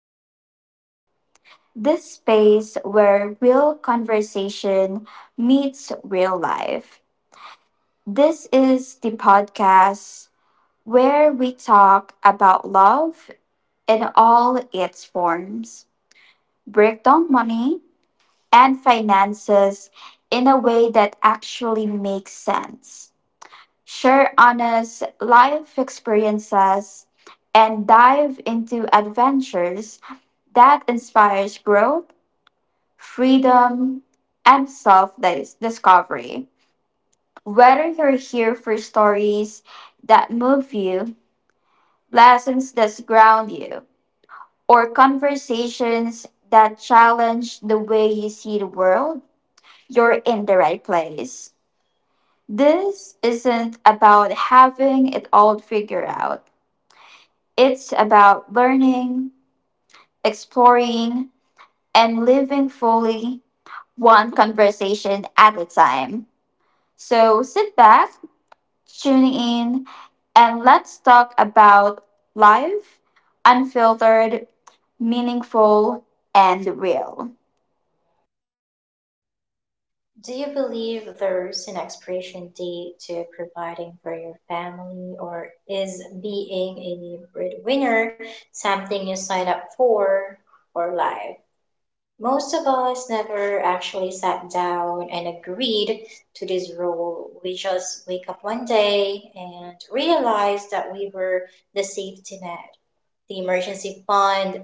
Real Talks, this space where real conversation meets real life. This is the podcast where we talk about love in all its forms, break down money and finances in a way that actually makes sense, share honest life experiences, and dive into adventures that inspires growth, freedom, and self discovery. Whether you're here for stories that move you, lessons that ground you, or conversations that challenge the way you see the world, you're in the right place. This isn't about having it all figured out. It's about learning, exploring, and living fully one conversation at a time. So sit back, tune in, and let's talk about life, unfiltered, meaningful, and real. Do you believe there's an expiration date to providing for your family, or is being a breadwinner something you sign up for life? Most of us never actually sat down and agreed to this role. We just wake up one day and realize that we were the safety net, the emergency fund,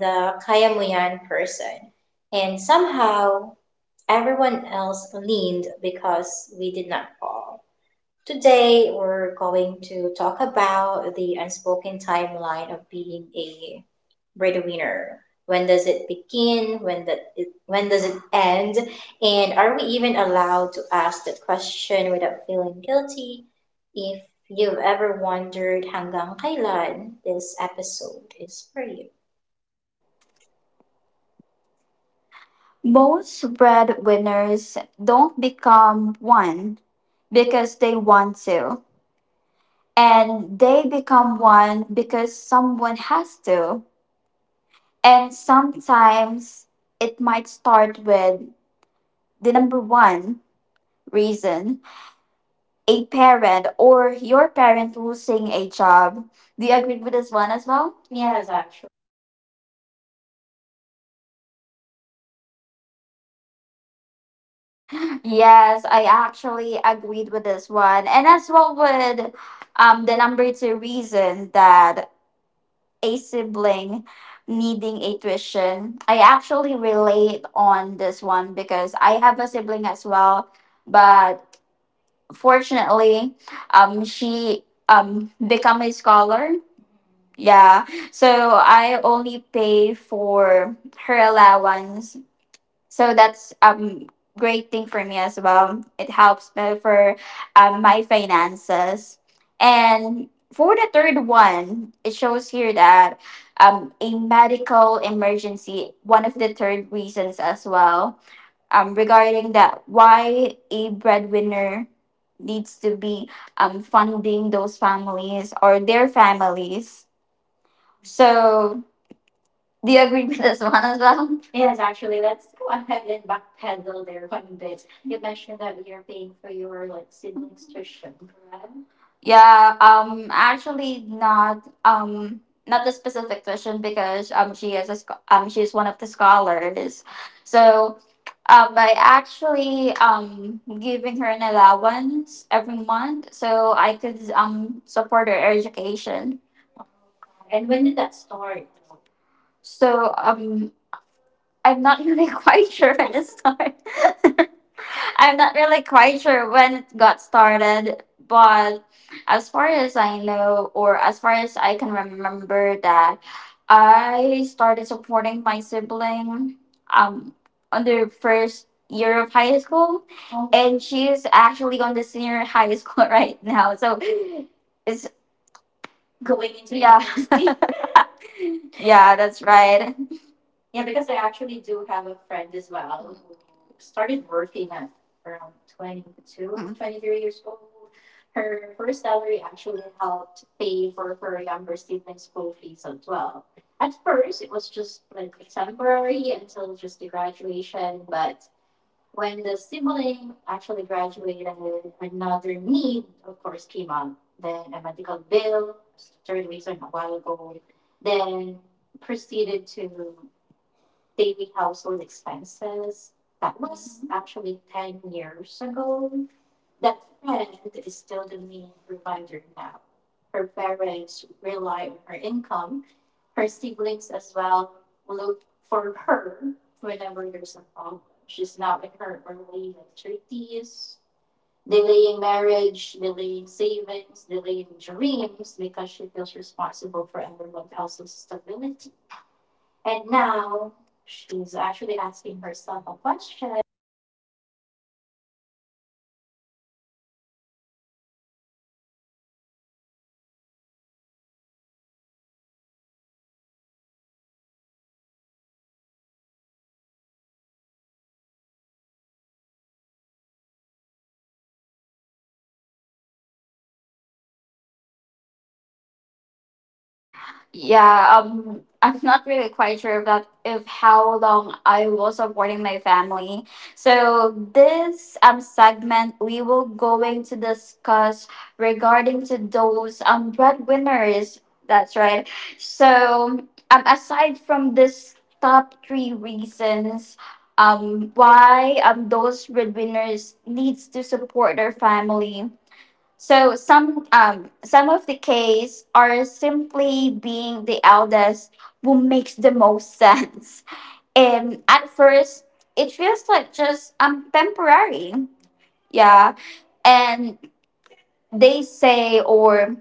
the kayamuyan person. And somehow everyone else leaned because we did not fall. Today, we're going to talk about the unspoken timeline of being a breadwinner. When does it begin? When does it end? And are we even allowed to ask that question without feeling guilty? If you've ever wondered hanggang kailan, this episode is for you. Most breadwinners don't become one because they want to, and they become one because someone has to. And sometimes it might start with the number one reason, a parent or your parent losing a job. Do you agree with this one as well? Yes, I actually agreed with this one. And as well with the number two reason, that a sibling needing a tuition. I actually relate on this one because I have a sibling as well, but fortunately, she become a scholar. Yeah. So I only pay for her allowance. So that's great thing for me as well. It helps me for my finances. And for the third one, it shows here that a medical emergency, one of the third reasons as well. Regarding that, why a breadwinner needs to be funding those families or their families, so do you agree with this one as well? You mentioned that you're paying for your like siblings tuition, correct? Yeah, actually not not the specific tuition because she is she's one of the scholars. So by actually giving her an allowance every month so I could support her education. So I'm not really quite sure at this time. I'm not really quite sure when it got started, but as far as I know, or as far as I can remember, that I started supporting my sibling um on the first year of high school, and she's actually on the senior high school right now, so it's going into, yeah, yeah, that's right. Around 22, 23 years old. That was actually 10 years ago. Yeah, I'm not really quite sure about if how long I was supporting my family. So this segment we will going to discuss regarding to those breadwinners. That's right. So aside from this top three reasons, why those breadwinners needs to support their family, so some of the case are simply being the eldest who makes the most sense. And at first it feels like just temporary. Yeah. And they say,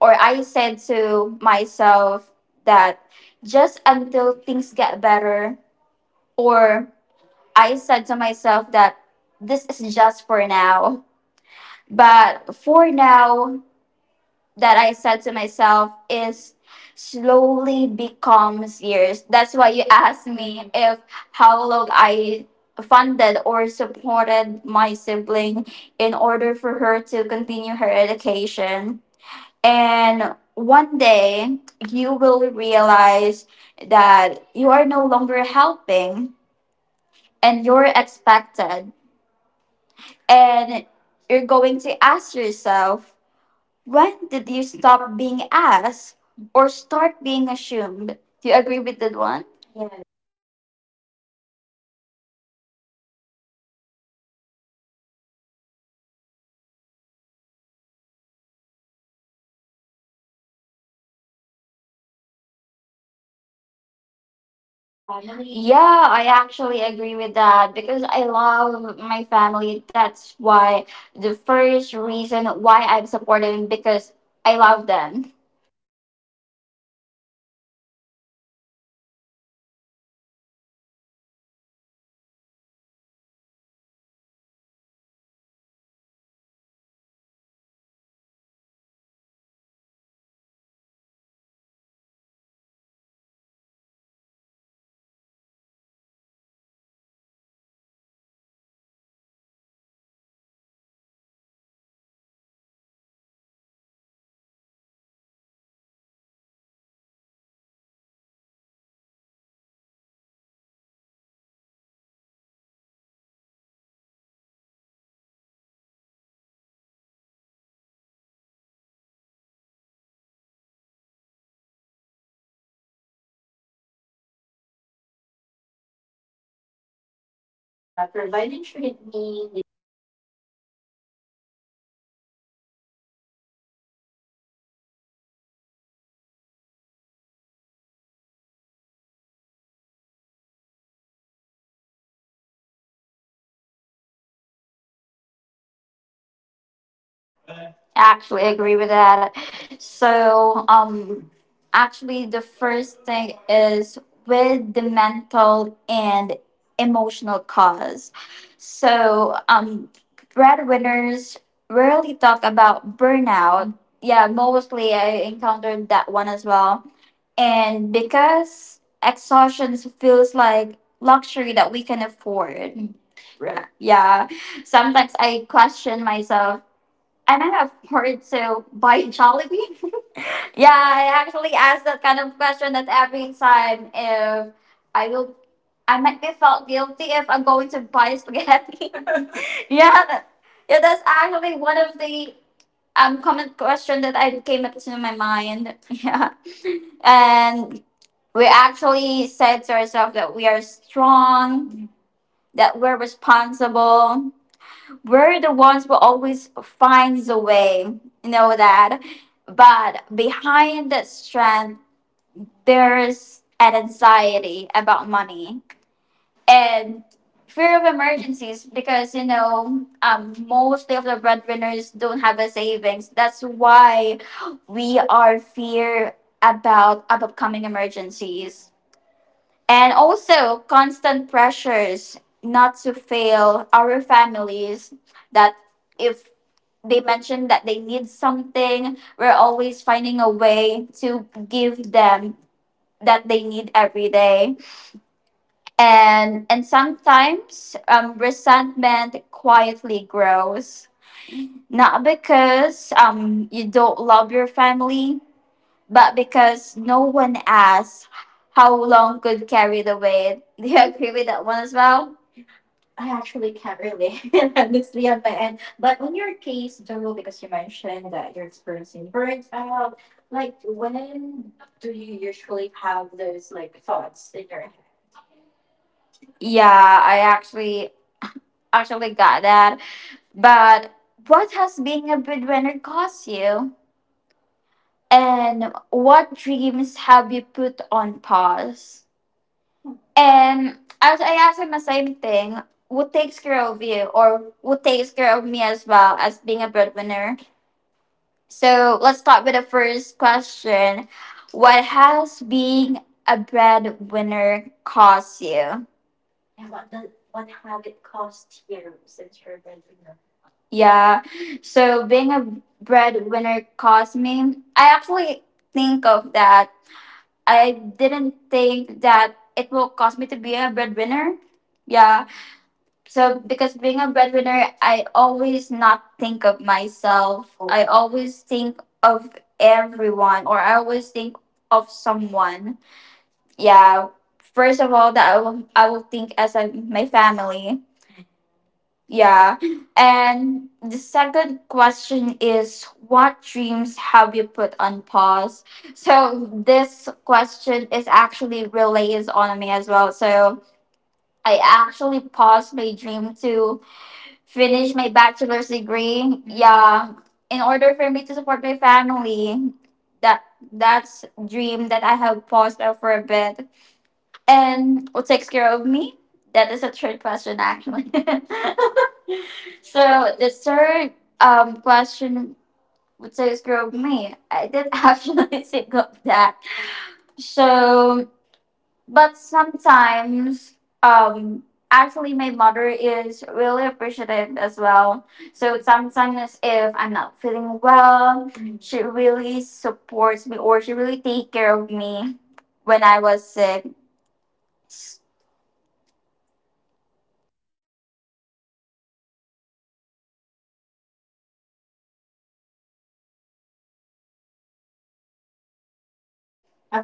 or I said to myself that, just until things get better, or I said to myself that this is just for now. But for now, that I said to myself is slowly becomes years. That's why you asked me if how long I funded or supported my sibling in order for her to continue her education. And one day you will realize that you are no longer helping and you're expected. And you're going to ask yourself, when did you stop being asked or start being assumed? Do you agree with that one? Yeah, I actually agree with that because I love my family. That's why the first reason why I'm supportive, because I love them. Actually I agree with that. So, actually, the first thing is with the mental and emotional cause. So, breadwinners rarely talk about burnout. Yeah, mostly I encountered that one as well. And because exhaustion feels like luxury that we can afford. Yeah, sometimes I question myself, I might have heard to buy Jollibee. Yeah, I actually asked that kind of question at every time if I will. I might be felt guilty if I'm going to buy spaghetti. yeah, that, yeah, that's actually one of the common question that I came up to my mind. Yeah, and we actually said to ourselves that we are strong, that we're responsible, we're the ones who always finds a way, you know that, but behind that strength there's an anxiety about money and fear of emergencies, because you know, mostly of the breadwinners don't have a savings, that's why we are fear about upcoming emergencies and also constant pressures not to fail our families, that if they mentioned that they need something, we're always finding a way to give them that they need every day. And sometimes resentment quietly grows. Not because you don't love your family, but because no one asks how long could carry the weight. Do you agree with that one as well? Yeah, I actually actually got that. But what has being a breadwinner cost you? And what dreams have you put on pause? And as I asked him the same thing, what takes care of you, or what takes care of me as well as being a breadwinner? So let's start with the first question. What has being a breadwinner cost you? Yeah. So being a breadwinner cost me, I actually think of that, I didn't think that it will cause me to be a breadwinner. Yeah. So because being a breadwinner, I always not think of myself. I always think of everyone, or I always think of someone. Yeah. First of all, that I will think as a, my family. Yeah. And the second question is, what dreams have you put on pause? So this question is actually relays on me as well. So I actually paused my dream to finish my bachelor's degree. Yeah. In order for me to support my family. That, that's dream that I have paused now for a bit. And what takes care of me? That is a third question actually. So the third question would say is grow me. I did actually think of that. So, but sometimes, um, actually, my mother is really appreciative as well. So sometimes, if I'm not feeling well, mhm, she really supports me or she really take care of me when I was sick.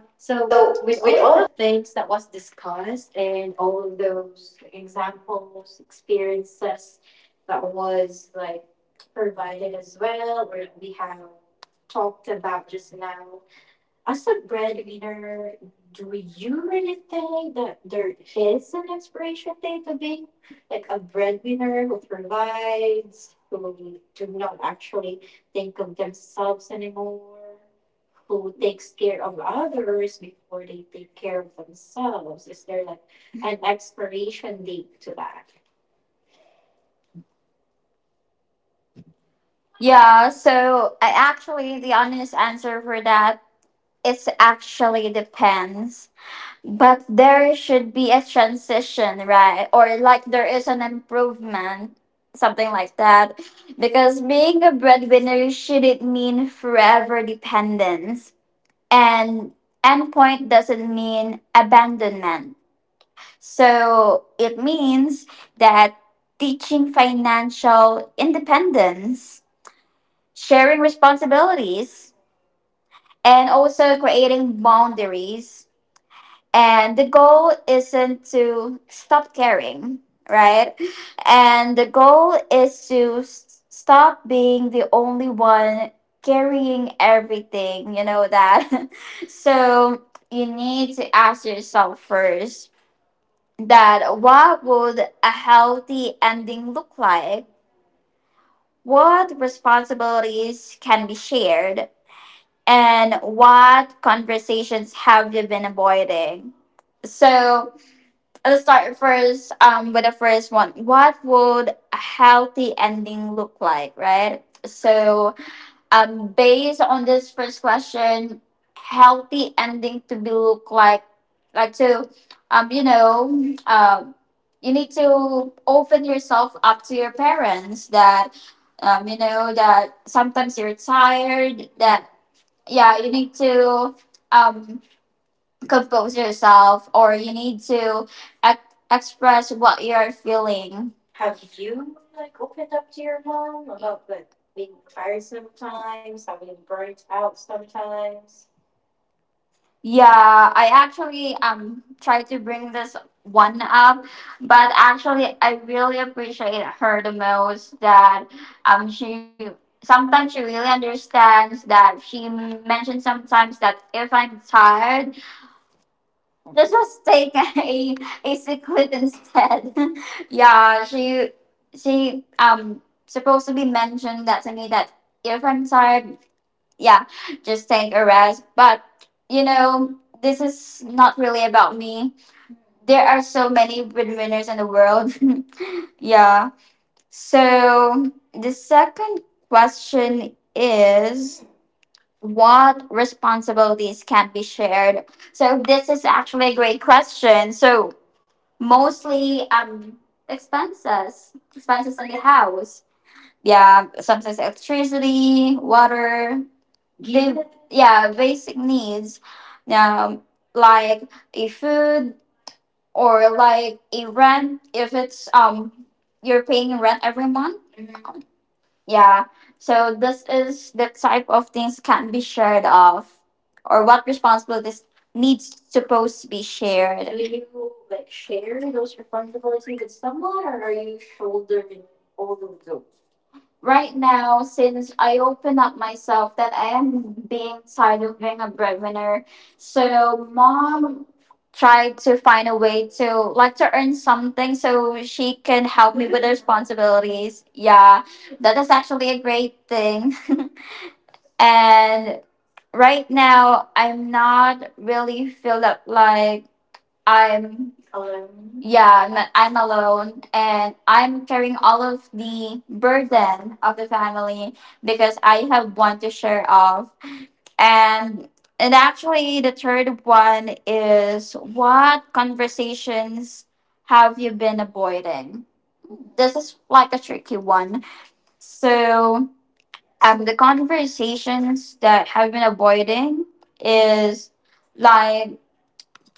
Uh, so, with all Yeah. So I actually the honest answer for that is actually depends. But there should be a transition, right? Or like there is an improvement, something like that. Because being a breadwinner shouldn't mean forever dependence. And endpoint doesn't mean abandonment. So it means that teaching financial independence, sharing responsibilities, and also creating boundaries, and the goal isn't to stop caring, right, and the goal is to stop being the only one carrying everything, you know that. So you need to ask yourself first, that what would a healthy ending look like, what responsibilities can be shared, and what conversations have you been avoiding. So let's start first with the first one. What would a healthy ending look like, right? So, based on this first question, healthy ending to be look like to, you know, um, you need to open yourself up to your parents that, you know, that sometimes you're tired, that, yeah, you need to, um, compose yourself or you need to express what you're feeling. Yeah, I actually tried to bring this one up, but actually I really appreciate her the most that she sometimes she really understands, that she mentioned sometimes that if I'm tired, let's just take a secret instead. Yeah, she supposed to be mentioned that to me that if I'm tired, yeah, just take a rest. But you know, this is not really about me. There are so many breadwinners in the world. Yeah. So the second question is, what responsibilities can be shared? So this is actually a great question. So mostly expenses, expenses in the house. Yeah, sometimes electricity, water, the, yeah, basic needs. Um, like a food or like a rent if it's you're paying rent every month. Yeah. So this is the type of things can be shared of, or what responsibilities needs supposed to be shared. Do you like share those responsibilities with someone, or are you shouldering? Right now, since I open up myself that I am being tired of being a breadwinner, so mom tried to find a way to like to earn something so she can help me with the responsibilities. Yeah, that is actually a great thing. And right now, I'm not really feel that like I'm alone. Yeah, I'm alone, and I'm carrying all of the burden of the family, because I have one to share off. And and actually the third one is, what conversations have you been avoiding? This is like a tricky one. So the conversations that have been avoiding is like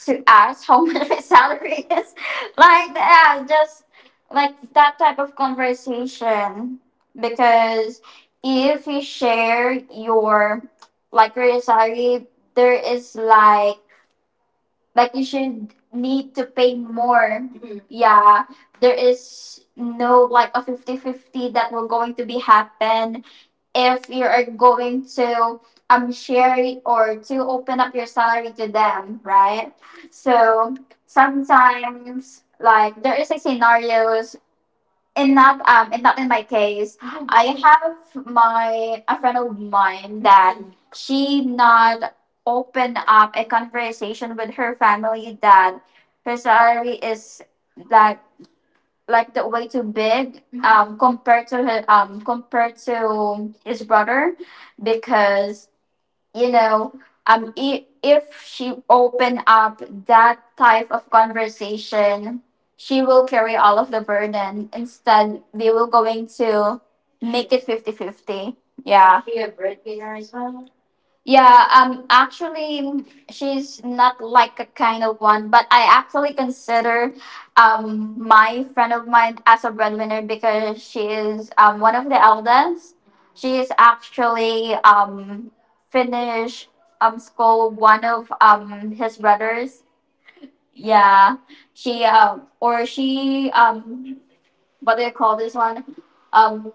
to ask how much my salary is. Like that, just like that type of conversation. Because if you share your like your salary, there is like you should need to pay more. Yeah, there is no like a 50 50 that will going to be happen if you are going to share it or to open up your salary to them, right? So sometimes like there is a scenarios and not in my case. I have my a friend of mine that she not open up a conversation with her family that her salary is that like the way too big compared to his brother because you know if she open up that type of conversation she will carry all of the burden instead they will going to make it 50 50. Yeah, yeah, actually, she's not like a kind of one, but I actually consider my friend of mine as a breadwinner because she is one of the eldest. She is actually finished school one of his brothers. Yeah, she what do you call this one? Um,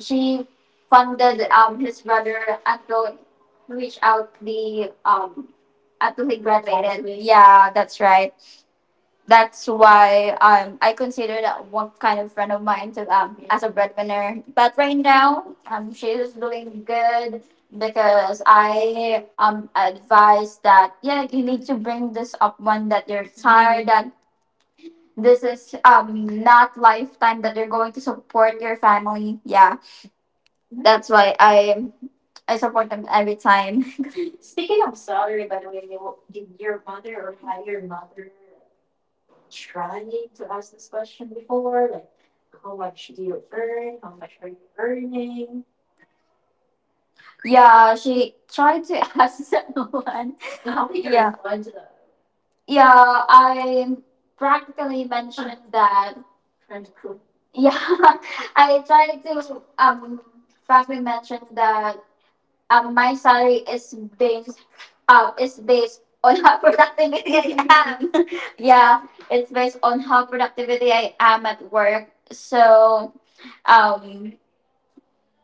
she funded his brother until he reached out the until he graduated. Yeah, that's right. That's why I consider that one kind of friend of mine to as a breadwinner. But right now she's doing good because I advise that yeah you need to bring this up when that you're tired that this is not lifetime that you're going to support your family. Yeah, that's why I support them every time. Yeah, she tried to ask someone. How did you yeah respond to that? Yeah, I practically mentioned that. Yeah, I tried to practically mention that, my salary is based, is based on how productivity I am. Yeah, it's based on how productivity I am at work. So um,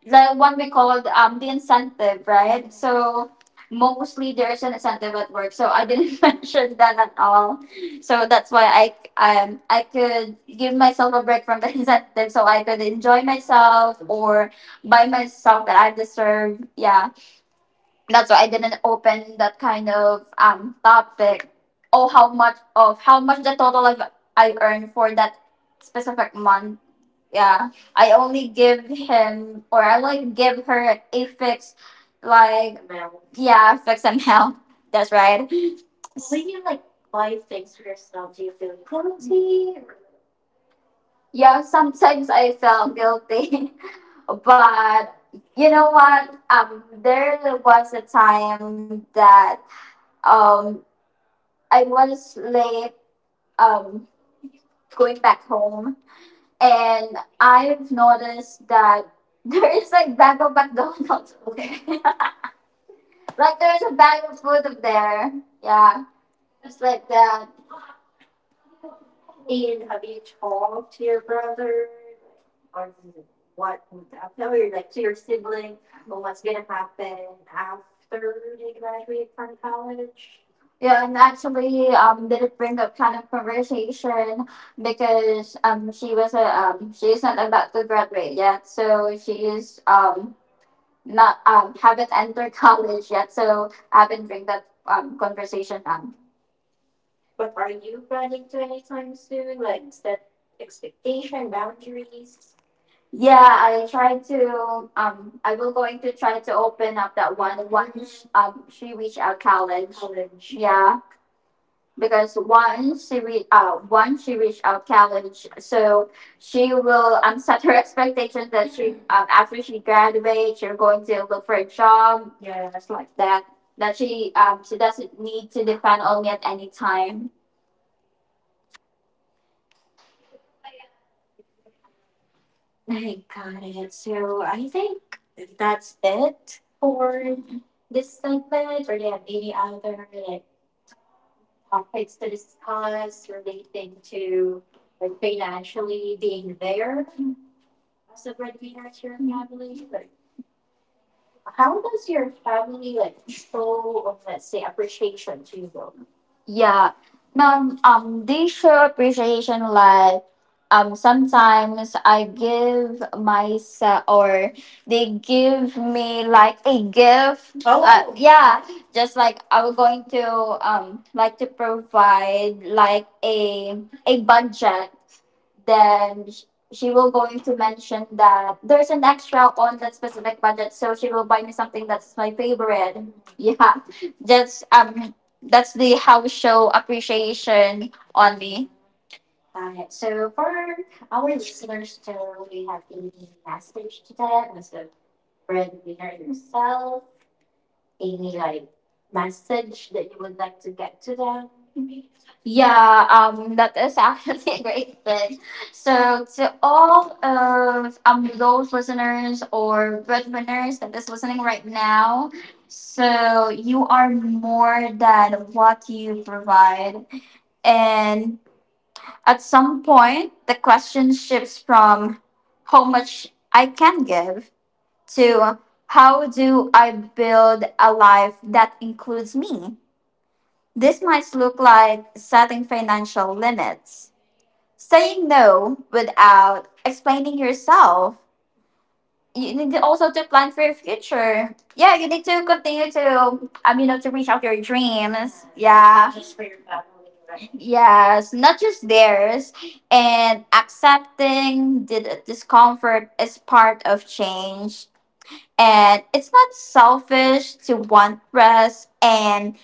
the one we called, the incentive, right? So mostly there's an incentive at work. So I didn't mention that at all. So that's why I could give myself a break from the incentive so I could enjoy myself or buy myself that I deserve. Yeah, that's why I didn't open that kind of topic. Oh, how much of how much the total of I earned for that specific month. Yeah, I only give him or I like give her a fix, like yeah fixed amount. That's right. Yeah, sometimes I felt guilty, but you know what? There was a time that um I was late. Um, Going back home and I've noticed that there is like bag of McDonald's over there. Like there's a bag of food up there. Yeah. Just like that. Yeah, and actually did it bring up kind of conversation because she was a she's not about to graduate yet, so she is not haven't entered college yet, so I haven't bring that conversation up. Yeah, I try to. I will going to try to open up that one once she reach out college. College. Yeah, because once once she reach out college, so she will set her expectation that she after she graduates, you're going to look for a job that that she doesn't need to depend on me at any time. Yeah. They show appreciation like sometimes I give myself or they give me like a gift. Oh. Yeah. Just like I was going to like to provide like a budget then she will going to mention that there's an extra on that specific budget so she will buy me something that's my favorite. Yeah, just that's the house show appreciation only. Yeah, that is actually a great thing. So to all of those listeners or breadwinners that is listening right now, so you are more than what you provide. And at some point, the question shifts from how much I can give to how do I build a life that includes me? This might look like setting financial limits, saying no without explaining yourself. You need to also to plan for your future. Yeah, you need to continue to you know to reach out your dreams. Yeah. Yes, not just theirs. And accepting the discomfort is part of change. And it's not selfish to want rest and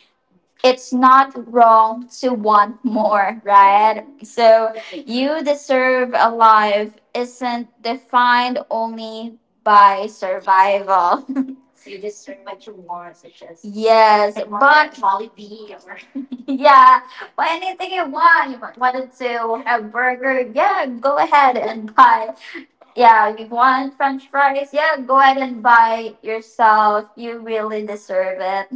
it's not wrong to want more, right? So you deserve a life isn't defined only by survival. So you deserve what you want, such as yes, like but Jollibee or yeah, but anything you want. You wanted to have burger, yeah, go ahead and buy. Yeah, you want French fries, yeah, go ahead and buy yourself. You really deserve it.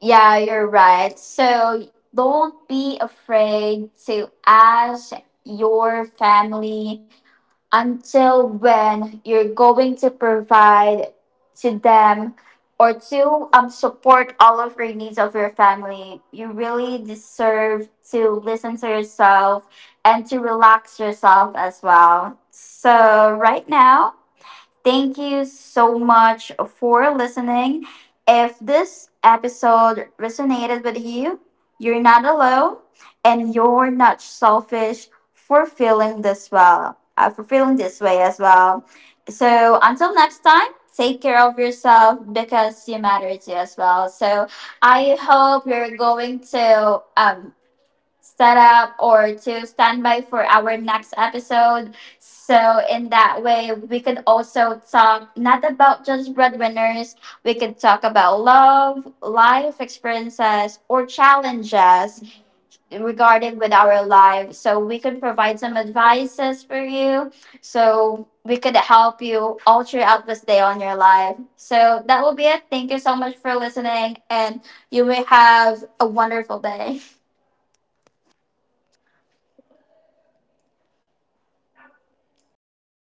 Yeah, you're right. So don't be afraid to ask your family until when you're going to provide to them or to, support all of your needs of your family. You really deserve to listen to yourself and to relax yourself as well. So, right now, thank you so much for listening. If this episode resonated with you, you're not alone and you're not selfish for feeling this well, for feeling this way as well. So until next time, take care of yourself because you matter too as well. So I hope you're going to set up or to stand by for our next episode. So in that way, we could also talk not about just breadwinners. We could talk about love, life experiences, or challenges regarding with our life. So we could provide some advices for you. So we could help you all throughout this day on your life. So that will be it. Thank you so much for listening and you may have a wonderful day.